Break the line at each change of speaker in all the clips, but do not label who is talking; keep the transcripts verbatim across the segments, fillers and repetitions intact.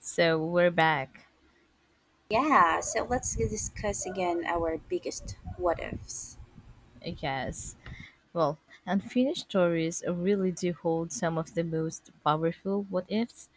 So we're back,
Yeah, so let's discuss again our biggest what ifs.
I guess. Well, unfinished stories really do hold some of the most powerful what ifs.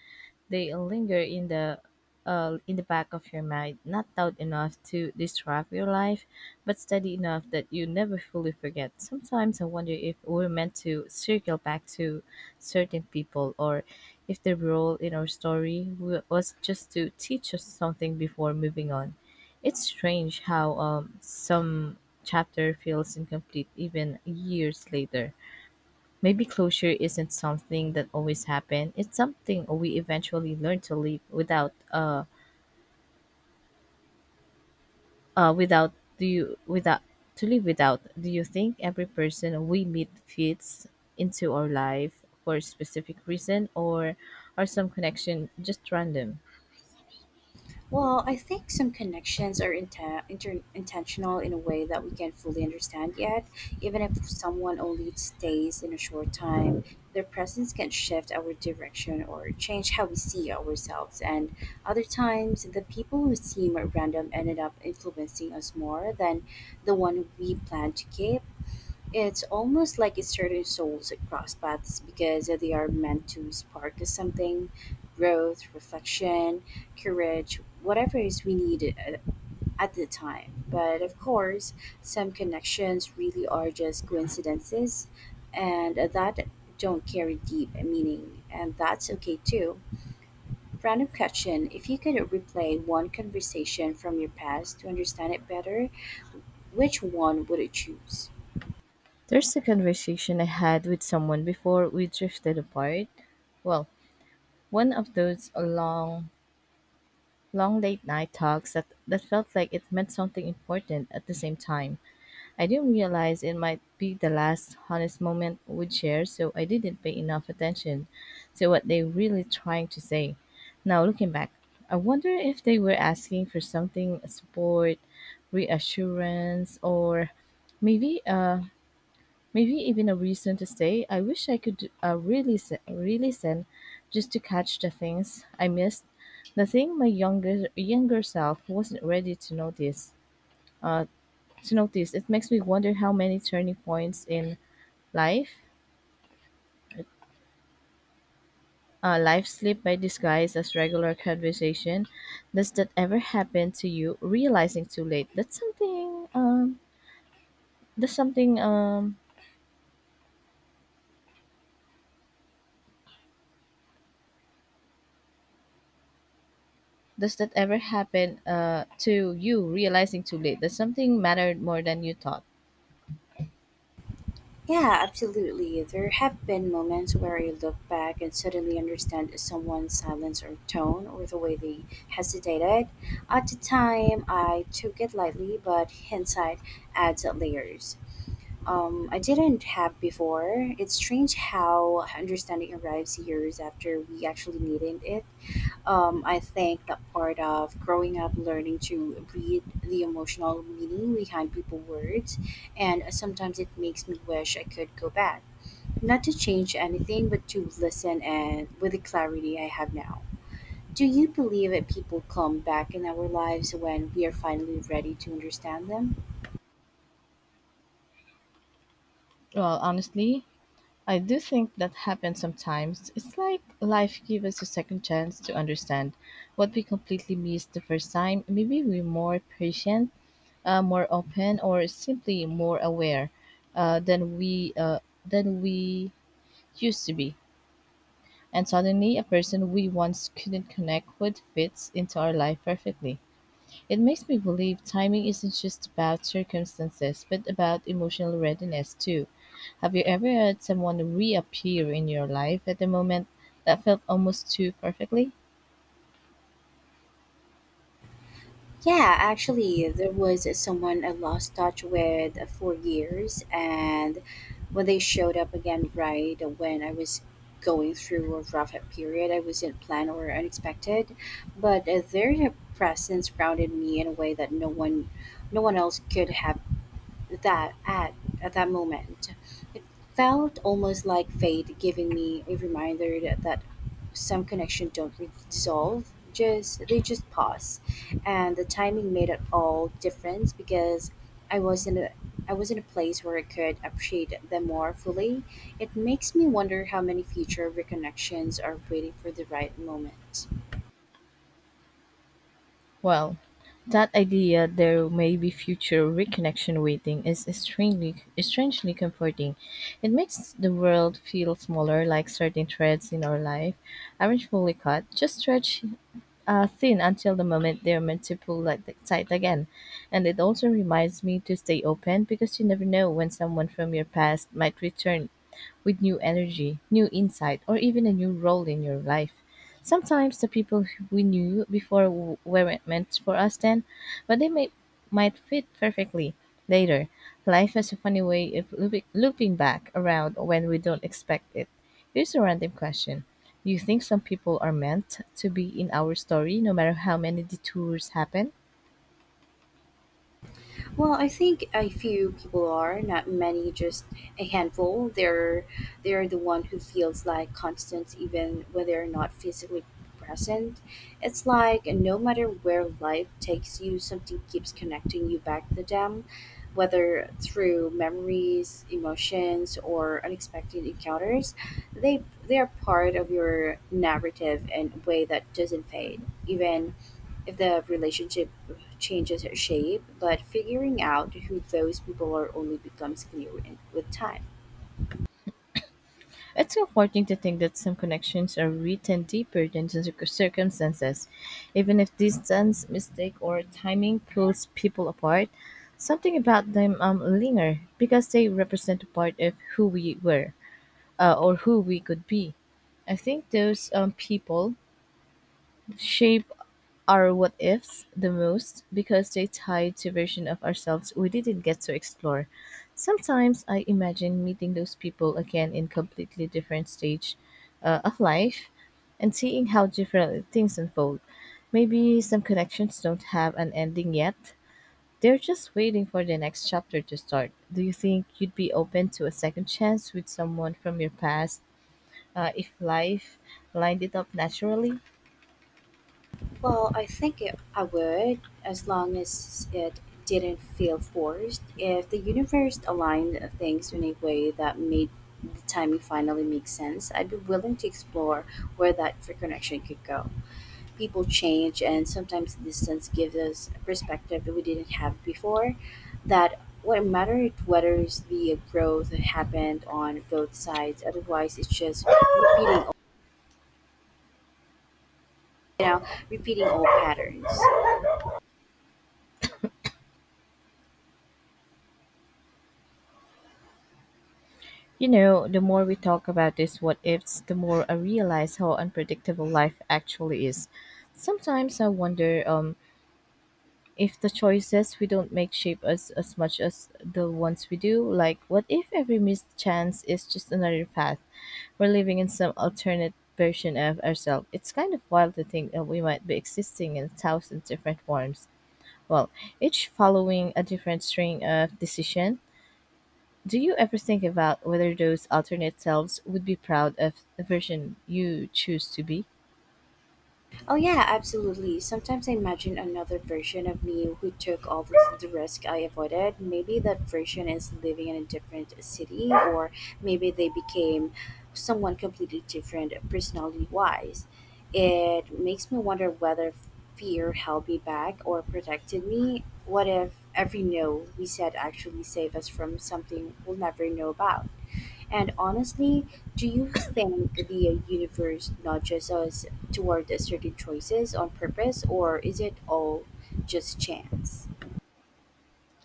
They linger in the uh, in the back of your mind, not loud enough to disrupt your life, but steady enough that you never fully forget. Sometimes I wonder if we're meant to circle back to certain people, or if their role in our story wa- was just to teach us something before moving on. It's strange how um, some chapter feels incomplete even years later. Maybe closure isn't something that always happen. It's something we eventually learn to live without. Uh, uh, without do you without to live without. Do you think every person we meet fits into our life for a specific reason, or are some connection just random?
Well, I think some connections are inten- inter- intentional in a way that we can't fully understand yet. Even if someone only stays in a short time, their presence can shift our direction or change how we see ourselves. And other times, the people who seem random ended up influencing us more than the one we planned to keep. It's almost like it certain souls across paths because they are meant to spark us something growth, reflection, courage, whatever is we need a- at the time. But of course, some connections really are just coincidences and that don't carry deep meaning, and that's okay too. Random question: if you could replay one conversation from your past to understand it better, which one would you choose?
There's a conversation I had with someone before we drifted apart. Well, one of those long, long late night talks that, that felt like it meant something important at the same time. I didn't realize it might be the last honest moment we'd share, so I didn't pay enough attention to what they really trying to say. Now looking back, I wonder if they were asking for something support, reassurance, or maybe uh maybe even a reason to stay. I wish I could uh, really se- really send just to catch the things I missed. The thing my younger younger self wasn't ready to notice to notice. It makes me wonder how many turning points in life, uh, life slip by disguise as regular conversation. Does that ever happen to you? Realizing too late. That's something. Um. That's something. Um. Does that ever happen Uh. to you, realizing too late that something mattered more than you thought?
Yeah, absolutely. There have been moments where I look back and suddenly understand someone's silence or tone or the way they hesitated. At the time, I took it lightly, but hindsight adds layers Um, I didn't have before. It's strange how understanding arrives years after we actually needed it. Um, I think that part of growing up, learning to read the emotional meaning behind people words, and sometimes it makes me wish I could go back, not to change anything, but to listen and with the clarity I have now. Do you believe that people come back in our lives when we are finally ready to understand them?
Well, honestly, I do think that happens sometimes. It's like life gives us a second chance to understand what we completely missed the first time. Maybe we're more patient, uh, more open or simply more aware, uh, than we uh, than we used to be. And suddenly, a person we once couldn't connect with fits into our life perfectly. It makes me believe timing isn't just about circumstances, but about emotional readiness too. Have you ever had someone reappear in your life at a moment that felt almost too perfectly?
Yeah, actually, there was someone I lost touch with for years, and when they showed up again, right when I was going through a rough period, I wasn't planned or unexpected, but uh, their presence grounded me in a way that no one, no one else could have that at at that moment. It felt almost like fate giving me a reminder that, that some connections don't re- dissolve, just they just pause. And the timing made it all difference because I was in a I was in a place where I could appreciate them more fully. It makes me wonder how many future reconnections are waiting for the right moment.
Well, that idea there may be future reconnection waiting is strangely, strangely comforting. It makes the world feel smaller, like certain threads in our life aren't fully cut, just stretched uh, thin until the moment they're meant to pull like the tight again. And it also reminds me to stay open because you never know when someone from your past might return with new energy, new insight, or even a new role in your life. Sometimes the people who we knew before w- weren't meant for us then, but they may, might fit perfectly later. Life has a funny way of looping, looping back around when we don't expect it. Here's a random question. Do you think some people are meant to be in our story no matter how many detours happen?
Well, I think a few people are, not many, just a handful. They're they're the one who feels like constant even when they're not physically present. It's like no matter where life takes you, something keeps connecting you back to them, whether through memories, emotions, or unexpected encounters. They they are part of your narrative in a way that doesn't fade, even if the relationship changes shape, but figuring out who those people are only becomes clear in- with time.
It's comforting to think that some connections are written deeper than just circ- circumstances. Even if distance, mistake, or timing pulls people apart, something about them um, linger because they represent a part of who we were, uh, or who we could be. I think those um, people shape our what ifs the most because they tie to version of ourselves we didn't get to explore. Sometimes I imagine meeting those people again in completely different stage uh, of life and seeing how different things unfold. Maybe some connections don't have an ending yet. They're just waiting for the next chapter to start. Do you think you'd be open to a second chance with someone from your past, uh, if life lined it up naturally?
Well, I think it, I would, as long as it didn't feel forced. If the universe aligned things in a way that made the timing finally make sense, I'd be willing to explore where that reconnection could go. People change, and sometimes distance gives us a perspective that we didn't have before. That what mattered whether it's the growth that happened on both sides. Otherwise, it's just repeating, you know, repeating old patterns.
You know, the more we talk about these what ifs, the more I realize how unpredictable life actually is. Sometimes I wonder, um, if the choices we don't make shape us as much as the ones we do. Like, what if every missed chance is just another path? We're living in some alternate version of ourselves. It's kind of wild to think that we might be existing in a thousand different forms. Well, each following a different string of decision, do you ever think about whether those alternate selves would be proud of the version you choose to be?
Oh yeah, absolutely. Sometimes I imagine another version of me who took all the, the risk I avoided. Maybe that version is living in a different city, or maybe they became someone completely different personality wise. It makes me wonder whether fear held me back or protected me? What if every no we said actually saved us from something we'll never know about? And honestly, do you think the universe nudges us toward certain choices on purpose, or is it all just chance?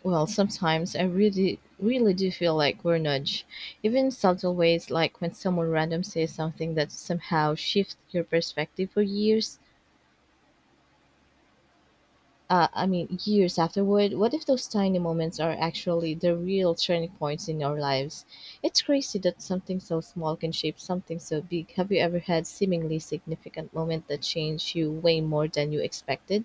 Well, sometimes I really, really do feel like we're nudged, even in subtle ways, like when someone random says something that somehow shifts your perspective for years. Uh, I mean, years afterward. What if those tiny moments are actually the real turning points in our lives? It's crazy that something so small can shape something so big. Have you ever had seemingly significant moment that changed you way more than you expected?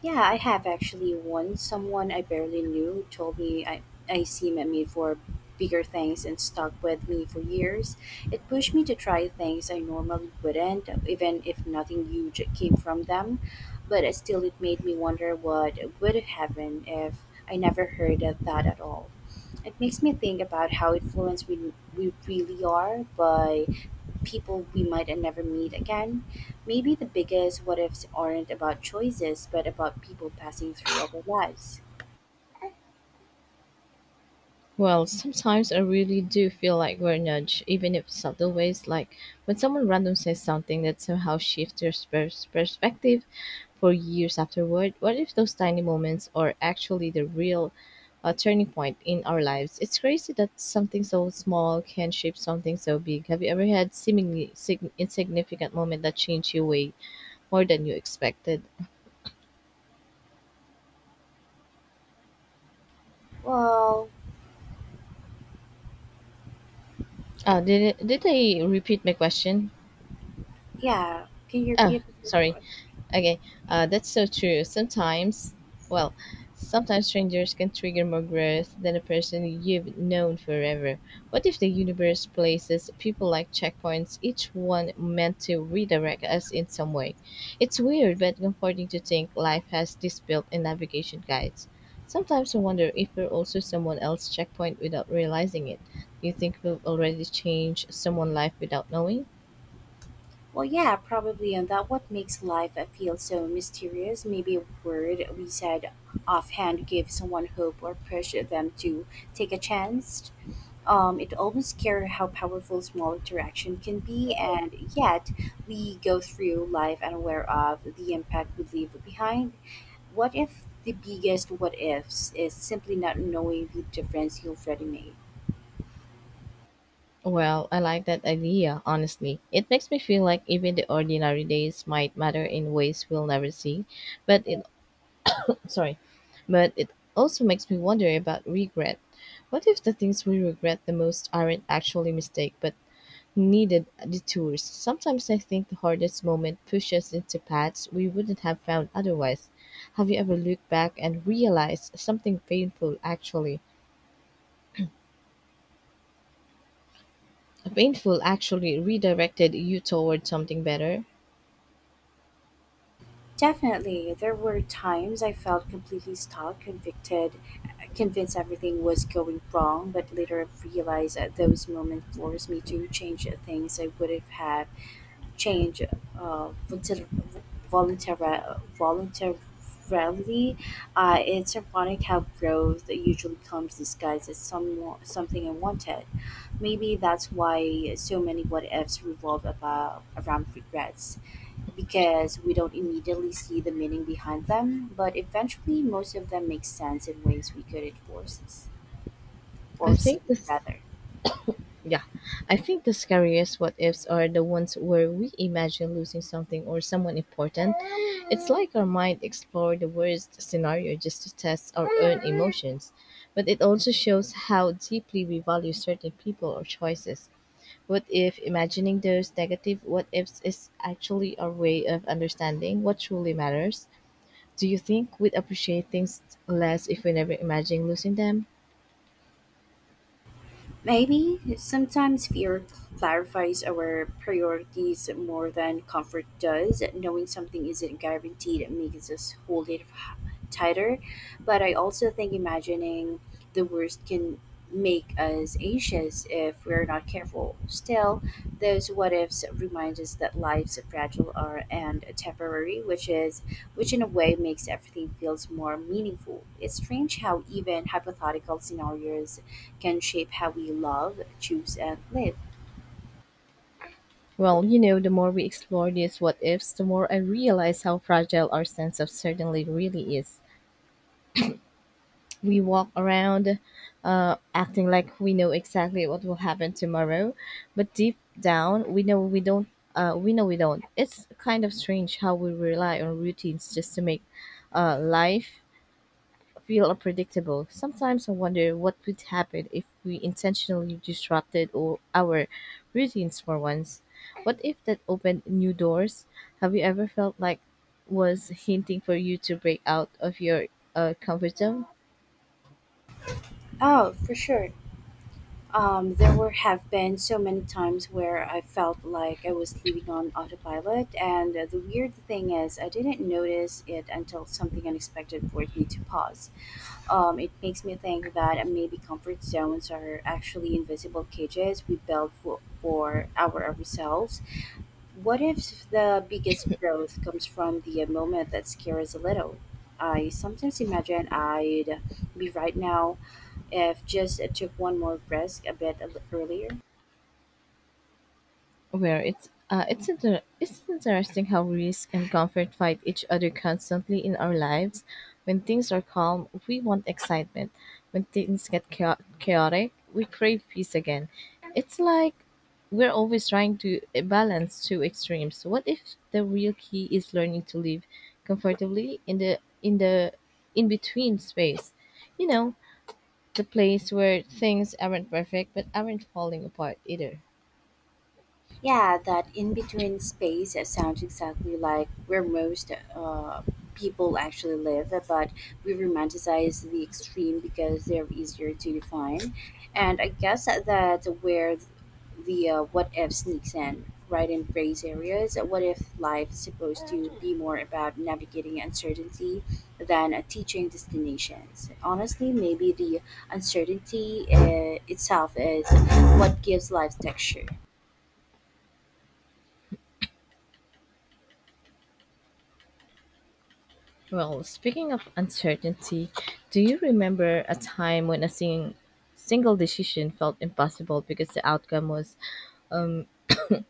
Yeah, I have actually once someone I barely knew told me I, I seem made for bigger things and stuck with me for years. It pushed me to try things I normally wouldn't, even if nothing huge came from them. But it still, it made me wonder what would have happened if I never heard of that at all. It makes me think about how influenced we, we really are by people we might never meet again. Maybe the biggest what ifs aren't about choices, but about people passing through our lives.
Well, sometimes I really do feel like we're nudged, even if subtle ways, like when someone random says something that somehow shifts your pers- perspective for years afterward. What if those tiny moments are actually the real, uh, turning point in our lives? It's crazy that something so small can shape something so big. Have you ever had seemingly sig- insignificant moment that changed your way more than you expected?
Well,
Uh, did it, did I repeat my question?
yeah. Can you
Ah,
repeat the first
sorry.
one?
Okay, uh, that's so true. Sometimes, well, Sometimes strangers can trigger more growth than a person you've known forever. What if the universe places people like checkpoints, each one meant to redirect us in some way? It's weird but comforting to think life has this built in navigation guides. Sometimes I wonder if we're also someone else's checkpoint without realizing it. Do you think we've already changed someone's life without knowing?
Well, yeah, probably. And that what makes life feel so mysterious. Maybe a word we said offhand gives someone hope or push them to take a chance. Um, it almost scares how powerful small interaction can be, and yet we go through life unaware of the impact we leave behind. What if the biggest what ifs is simply not knowing the difference you already made?
Well, I like that idea, honestly. It makes me feel like even the ordinary days might matter in ways we'll never see. But it sorry, but it also makes me wonder about regret. What if the things we regret the most aren't actually mistake but needed detours? Sometimes I think the hardest moment pushes into paths we wouldn't have found otherwise. Have you ever looked back and realized something painful actually painful actually redirected you toward something better?
Definitely, there were times I felt completely stuck, convicted, convinced everything was going wrong, but later I realized that those moments forced me to change things I would have had change uh, voluntar- voluntari- voluntarily. Uh, it's ironic how growth usually comes disguised as some, something unwanted. Maybe that's why so many what ifs revolve about, around regrets, because we don't immediately see the meaning behind them, but eventually most of them make sense in ways we couldn't force,
I
foresee.
think this
Rather.
Yeah, I think the scariest what ifs are the ones where we imagine losing something or someone important. It's like our mind explore the worst scenario just to test our own emotions. But it also shows how deeply we value certain people or choices. What if imagining those negative what ifs is actually our way of understanding what truly matters? Do you think we'd appreciate things less if we never imagine losing them?
Maybe sometimes fear clarifies our priorities more than comfort does. Knowing something isn't guaranteed makes us hold it h- tighter. But I also think imagining the worst can make us anxious if if we're not careful. Still, those what ifs remind us that life's fragile are and temporary, which is which in a way makes everything feels more meaningful. It's strange how even hypothetical scenarios can shape how we love, choose, and live.
Well, you know, the more we explore these what ifs, the more I realize how fragile our sense of certainty really is. We walk around, uh, acting like we know exactly what will happen tomorrow, but deep down, we know we don't. Uh, we know we don't. It's kind of strange how we rely on routines just to make, uh, life feel unpredictable. Sometimes I wonder what would happen if we intentionally disrupted o- our routines for once. What if that opened new doors? Have you ever felt like was hinting for you to break out of your, uh, comfort zone?
Oh, for sure. Um, there were have been so many times where I felt like I was living on autopilot, and the weird thing is, I didn't notice it until something unexpected forced me to pause. Um, it makes me think that maybe comfort zones are actually invisible cages we build for, for our ourselves. What if the biggest growth comes from the moment that scares a little? I sometimes imagine I'd be right now if just I took one more risk a bit earlier.
Where it's uh, it's inter- it's interesting how risk and comfort fight each other constantly in our lives. When things are calm, we want excitement. When things get chao- chaotic, we crave peace again. It's like we're always trying to eh, balance two extremes. What if the real key is learning to live comfortably in the in the in between space? You know, the place where things aren't perfect but aren't falling apart either.
Yeah, that in between space it sounds exactly like where most uh, people actually live, but we romanticize the extreme because they're easier to define. And I guess that's where the uh, what if sneaks in, right in gray areas. What if life is supposed to be more about navigating uncertainty than uh, teaching destinations? Honestly, maybe the uncertainty uh, itself is what gives life texture.
Well, speaking of uncertainty, do you remember a time when a sing- single decision felt impossible because the outcome was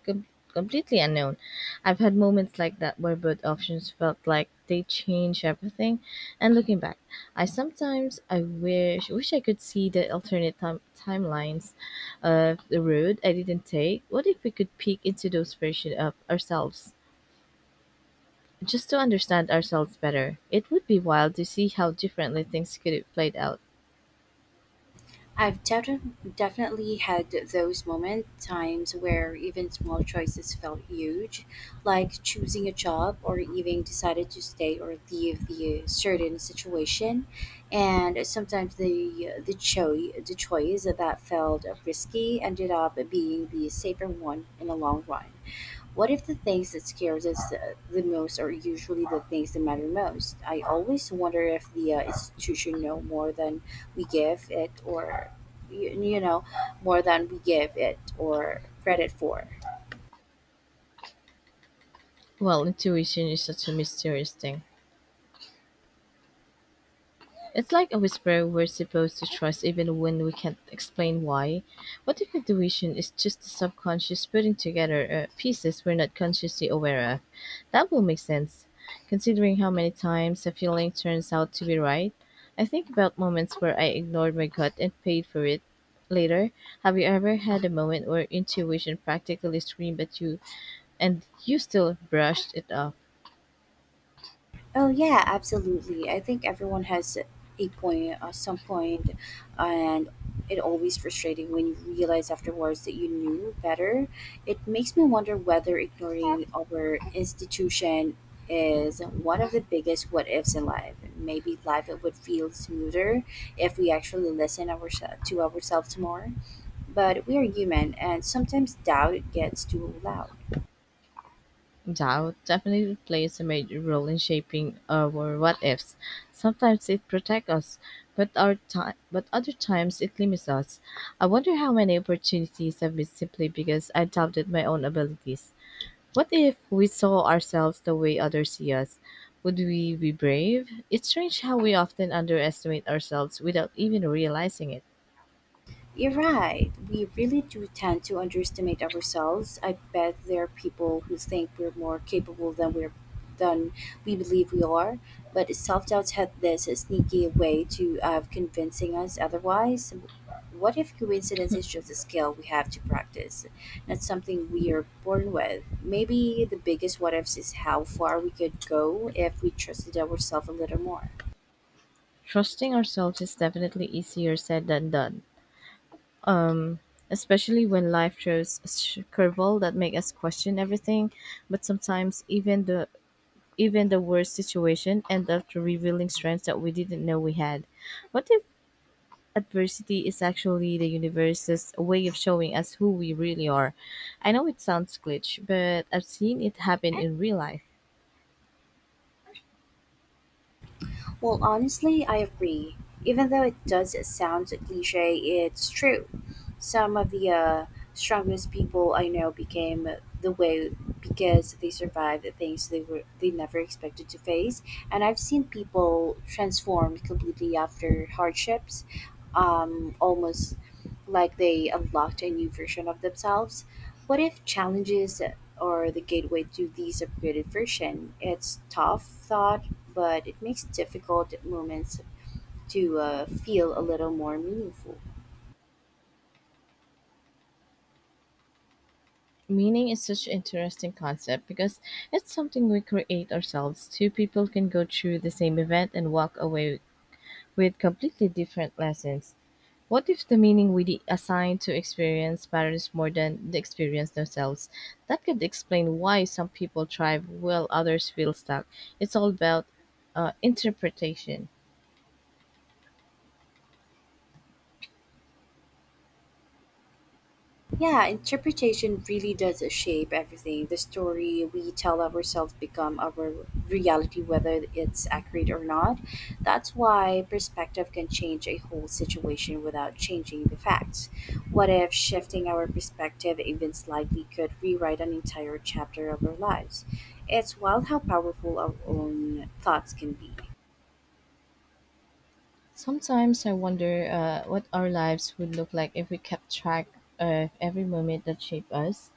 com- completely unknown? I've had moments like that where both options felt like they change everything. And looking back, I sometimes I wish wish I could see the alternate time- timelines of the road I didn't take. What if we could peek into those versions of ourselves? Just to understand ourselves better, it would be wild to see how differently things could have played out.
I've defi- definitely had those moment times where even small choices felt huge, like choosing a job or even decided to stay or leave the certain situation, and sometimes the the choice the choice that felt risky ended up being the safer one in the long run. What if the things that scares us uh, the most are usually the things that matter most? I always wonder if the uh, institution know more than we give it, or you, you know, more than we give it or credit for.
Well, intuition is such a mysterious thing. It's like a whisper we're supposed to trust even when we can't explain why. What if intuition is just the subconscious putting together, uh, pieces we're not consciously aware of? That will make sense, considering how many times a feeling turns out to be right. I think about moments where I ignored my gut and paid for it later. Have you ever had a moment where intuition practically screamed at you and you still brushed it off?
Oh yeah, absolutely. I think everyone has a point at some point, and it always frustrating when you realize afterwards that you knew better. It makes me wonder whether ignoring our institution is one of the biggest what ifs in life. Maybe life would feel smoother if we actually listen ourselves to ourselves more. But we are human, and sometimes doubt gets too loud.
Doubt definitely plays a major role in shaping our what ifs. Sometimes it protects us, but our time, but other times it limits us. I wonder how many opportunities have missed simply because I doubted my own abilities. What if we saw ourselves the way others see us? Would we be brave? It's strange how we often underestimate ourselves without even realizing it.
You're right. We really do tend to underestimate ourselves. I bet there are people who think we're more capable than we're than we believe we are. But self-doubt had this sneaky way to of convincing us otherwise. What if coincidence is just a skill we have to practice, not something we are born with? Maybe the biggest what ifs is how far we could go if we trusted ourselves a little more.
Trusting ourselves is definitely easier said than done, especially when life throws a sh- curveball that make us question everything. But sometimes even the even the worst situation end up revealing strengths that we didn't know we had. What if adversity is actually the universe's way of showing us who we really are? I know it sounds glitch, but I've seen it happen in real life.
Well, honestly, I agree. Even though it does sound cliche, it's true. Some of the uh, strongest people I know became the way because they survived the things they were they never expected to face, and I've seen people transform completely after hardships um, almost like they unlocked a new version of themselves. What if challenges are the gateway to these upgraded version? It's tough thought, but it makes difficult moments to uh, feel a little more meaningful.
Meaning is such an interesting concept because it's something we create ourselves. Two people can go through the same event and walk away with completely different lessons. What if the meaning we assign to experience matters more than the experience themselves? That could explain why some people thrive while others feel stuck. It's all about uh, interpretation.
Yeah, interpretation really does shape everything. The story we tell ourselves become our reality whether it's accurate or not. That's why perspective can change a whole situation without changing the facts. What if shifting our perspective even slightly could rewrite an entire chapter of our lives? It's wild how powerful our own thoughts can be.
Sometimes I wonder uh, what our lives would look like if we kept track of every moment that shaped us,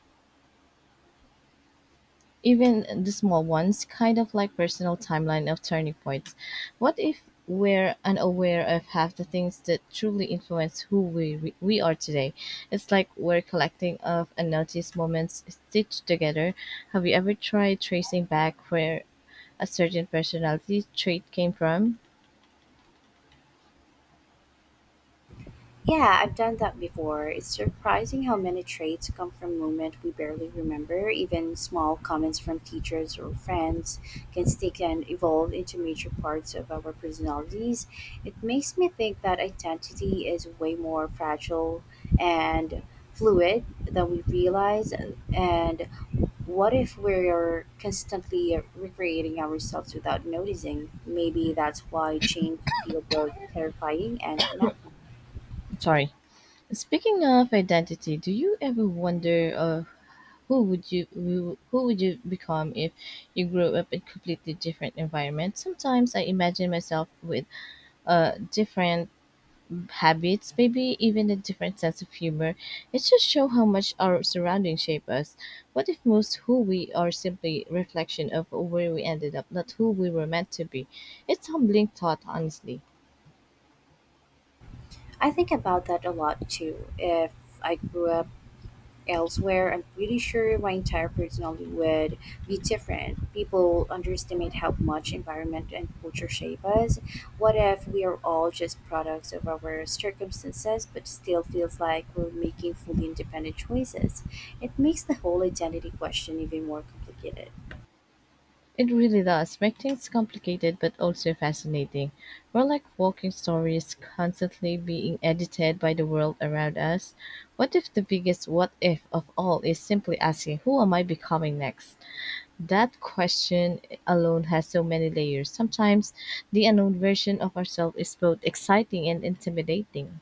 even the small ones, kind of like personal timeline of turning points. What if we're unaware of half the things that truly influence who we re- we are today? It's like we're collecting of unnoticed moments stitched together. Have you ever tried tracing back where a certain personality trait came from?
Yeah, I've done that before. It's surprising how many traits come from moments we barely remember. Even small comments from teachers or friends can stick and evolve into major parts of our personalities. It makes me think that identity is way more fragile and fluid than we realize. And what if we're constantly recreating ourselves without noticing? Maybe that's why change feels both terrifying and natural.
Sorry. Speaking of identity, do you ever wonder, uh, who would you who who would you become if you grew up in completely different environment? Sometimes I imagine myself with uh different habits, maybe even a different sense of humor. It just show how much our surroundings shape us. What if most who we are simply reflection of where we ended up, not who we were meant to be? It's humbling thought, honestly.
I think about that a lot too. If I grew up elsewhere, I'm pretty sure my entire personality would be different. People underestimate how much environment and culture shape us. What if we are all just products of our circumstances, but still feels like we're making fully independent choices? It makes the whole identity question even more complicated.
It really does make things complicated but also fascinating. We're like walking stories constantly being edited by the world around us. What if the biggest what if of all is simply asking, who am I becoming next? That question alone has so many layers. Sometimes the unknown version of ourselves is both exciting and intimidating.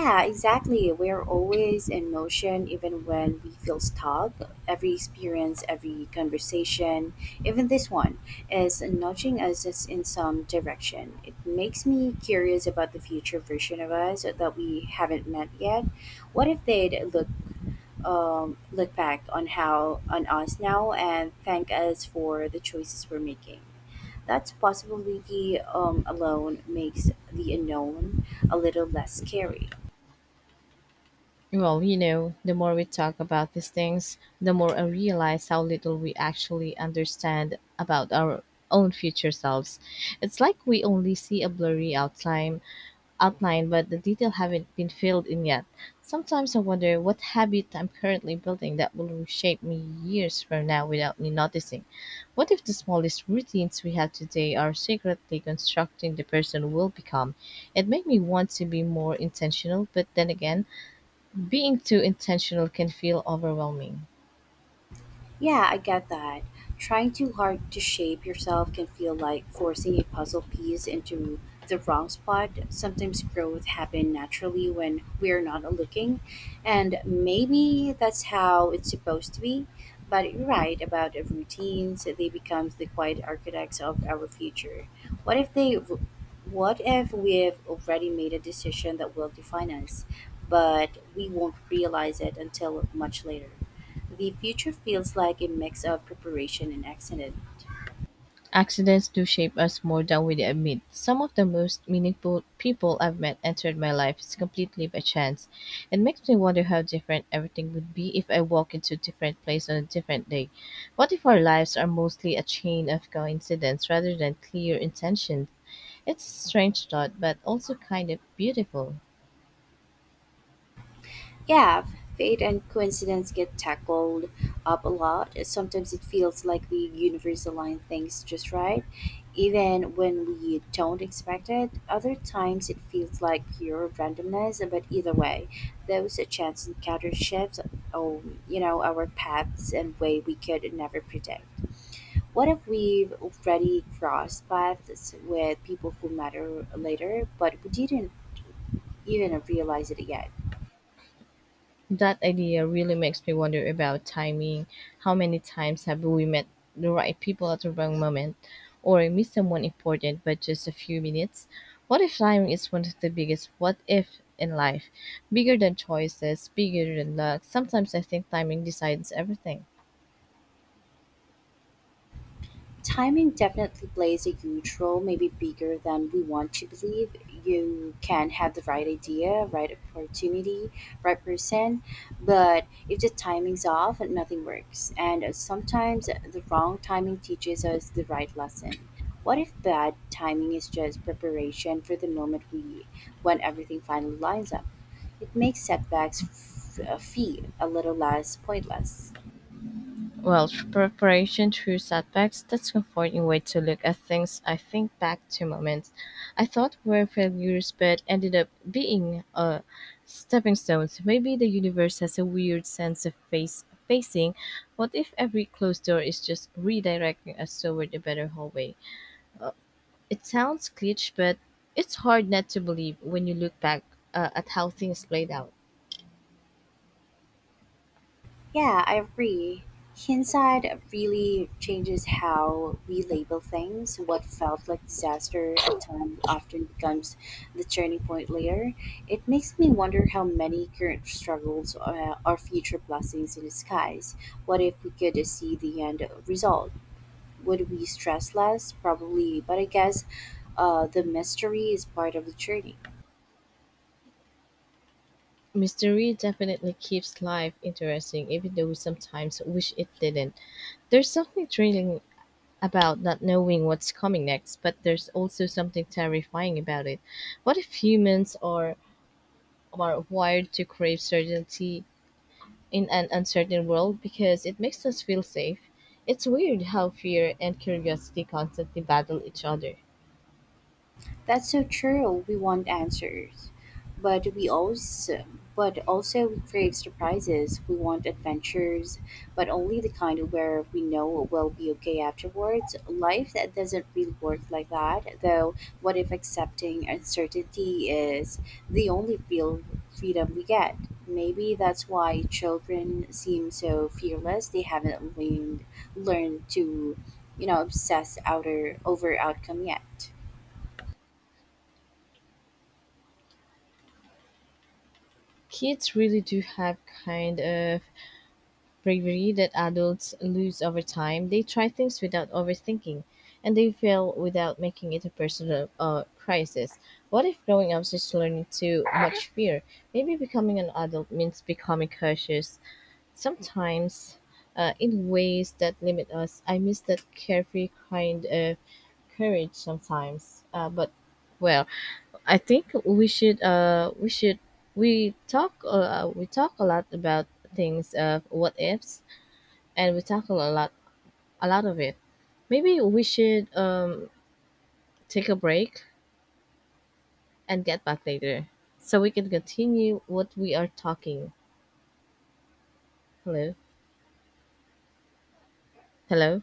Yeah, exactly. We're always in motion, even when we feel stuck. Every experience, every conversation, even this one, is nudging us us in some direction. It makes me curious about the future version of us that we haven't met yet. What if they'd look um, look back on how on us now and thank us for the choices we're making? That possibility um, alone makes the unknown a little less scary.
Well, you know, the more we talk about these things, the more I realize how little we actually understand about our own future selves. It's like we only see a blurry outline, outline, but the detail haven't been filled in yet. Sometimes I wonder what habit I'm currently building that will reshape me years from now without me noticing. What if the smallest routines we have today are secretly constructing the person we'll become? It made me want to be more intentional, but then again, being too intentional can feel overwhelming.
Yeah, I get that. Trying too hard to shape yourself can feel like forcing a puzzle piece into the wrong spot. Sometimes growth happens naturally when we're not looking, and maybe that's how it's supposed to be. But you're right about routines, they become the quiet architects of our future. What if they r- what if we've already made a decision that will define us, but we won't realize it until much later? The future feels like a mix of preparation and accident.
Accidents do shape us more than we admit. Some of the most meaningful people I've met entered my life is completely by chance. It makes me wonder how different everything would be if I walk into a different place on a different day. What if our lives are mostly a chain of coincidence rather than clear intentions? It's a strange thought, but also kind of beautiful.
Yeah, fate and coincidence get tackled up a lot. Sometimes it feels like the universe aligns things just right, even when we don't expect it. Other times it feels like pure randomness, but either way, those chance encounters shifts, um, you know, our paths and way we could never predict. What if we've already crossed paths with people who matter later, but we didn't even realize it yet?
That idea really makes me wonder about timing. How many times have we met the right people at the wrong moment or missed someone important by just a few minutes? What if timing is one of the biggest what if in life? Bigger than choices, bigger than luck. Sometimes I think timing decides everything.
Timing definitely plays a huge role, maybe bigger than we want to believe. You can have the right idea, right opportunity, right person, but if the timing's off, nothing works. And sometimes the wrong timing teaches us the right lesson. What if bad timing is just preparation for the moment we when everything finally lines up? It makes setbacks f- uh, feel a little less pointless.
Well, through preparation through setbacks, that's a comforting way to look at things. I think back to moments I thought were failures but ended up being, uh, stepping stones. Maybe the universe has a weird sense of face facing. What if every closed door is just redirecting us toward a better hallway? It sounds cliché, but it's hard not to believe when you look back, uh, at how things played out.
Yeah, I agree. Hindsight really changes how we label things. What felt like disaster at time often becomes the turning point later. It makes me wonder how many current struggles uh, are future blessings in disguise. What if we could see the end result? Would we stress less? Probably, but I guess uh, the mystery is part of the journey.
Mystery definitely keeps life interesting, even though we sometimes wish it didn't. There's something thrilling about not knowing what's coming next, but there's also something terrifying about it. What if humans are, are wired to crave certainty in an uncertain world because it makes us feel safe? It's weird how fear and curiosity constantly battle each other.
That's so true. We want answers, but we also but also we crave surprises. We want adventures, but only the kind where we know we'll be okay afterwards. Life that doesn't really work like that, though. What if accepting uncertainty is the only real freedom we get? Maybe that's why children seem so fearless. They haven't learned learned to, you know, obsess outer over outcome yet.
Kids really do have kind of bravery that adults lose over time. They try things without overthinking, and they fail without making it a personal, uh, crisis. What if growing up is just learning too much fear? Maybe becoming an adult means becoming cautious, sometimes, uh, in ways that limit us. I miss that carefree kind of courage sometimes. Uh, but well, I think we should uh we should we talk, uh, we talk a lot about things of what ifs and we tackle a lot a lot of it. Maybe we should, um, take a break and get back later so we can continue what we are talking. Hello. Hello.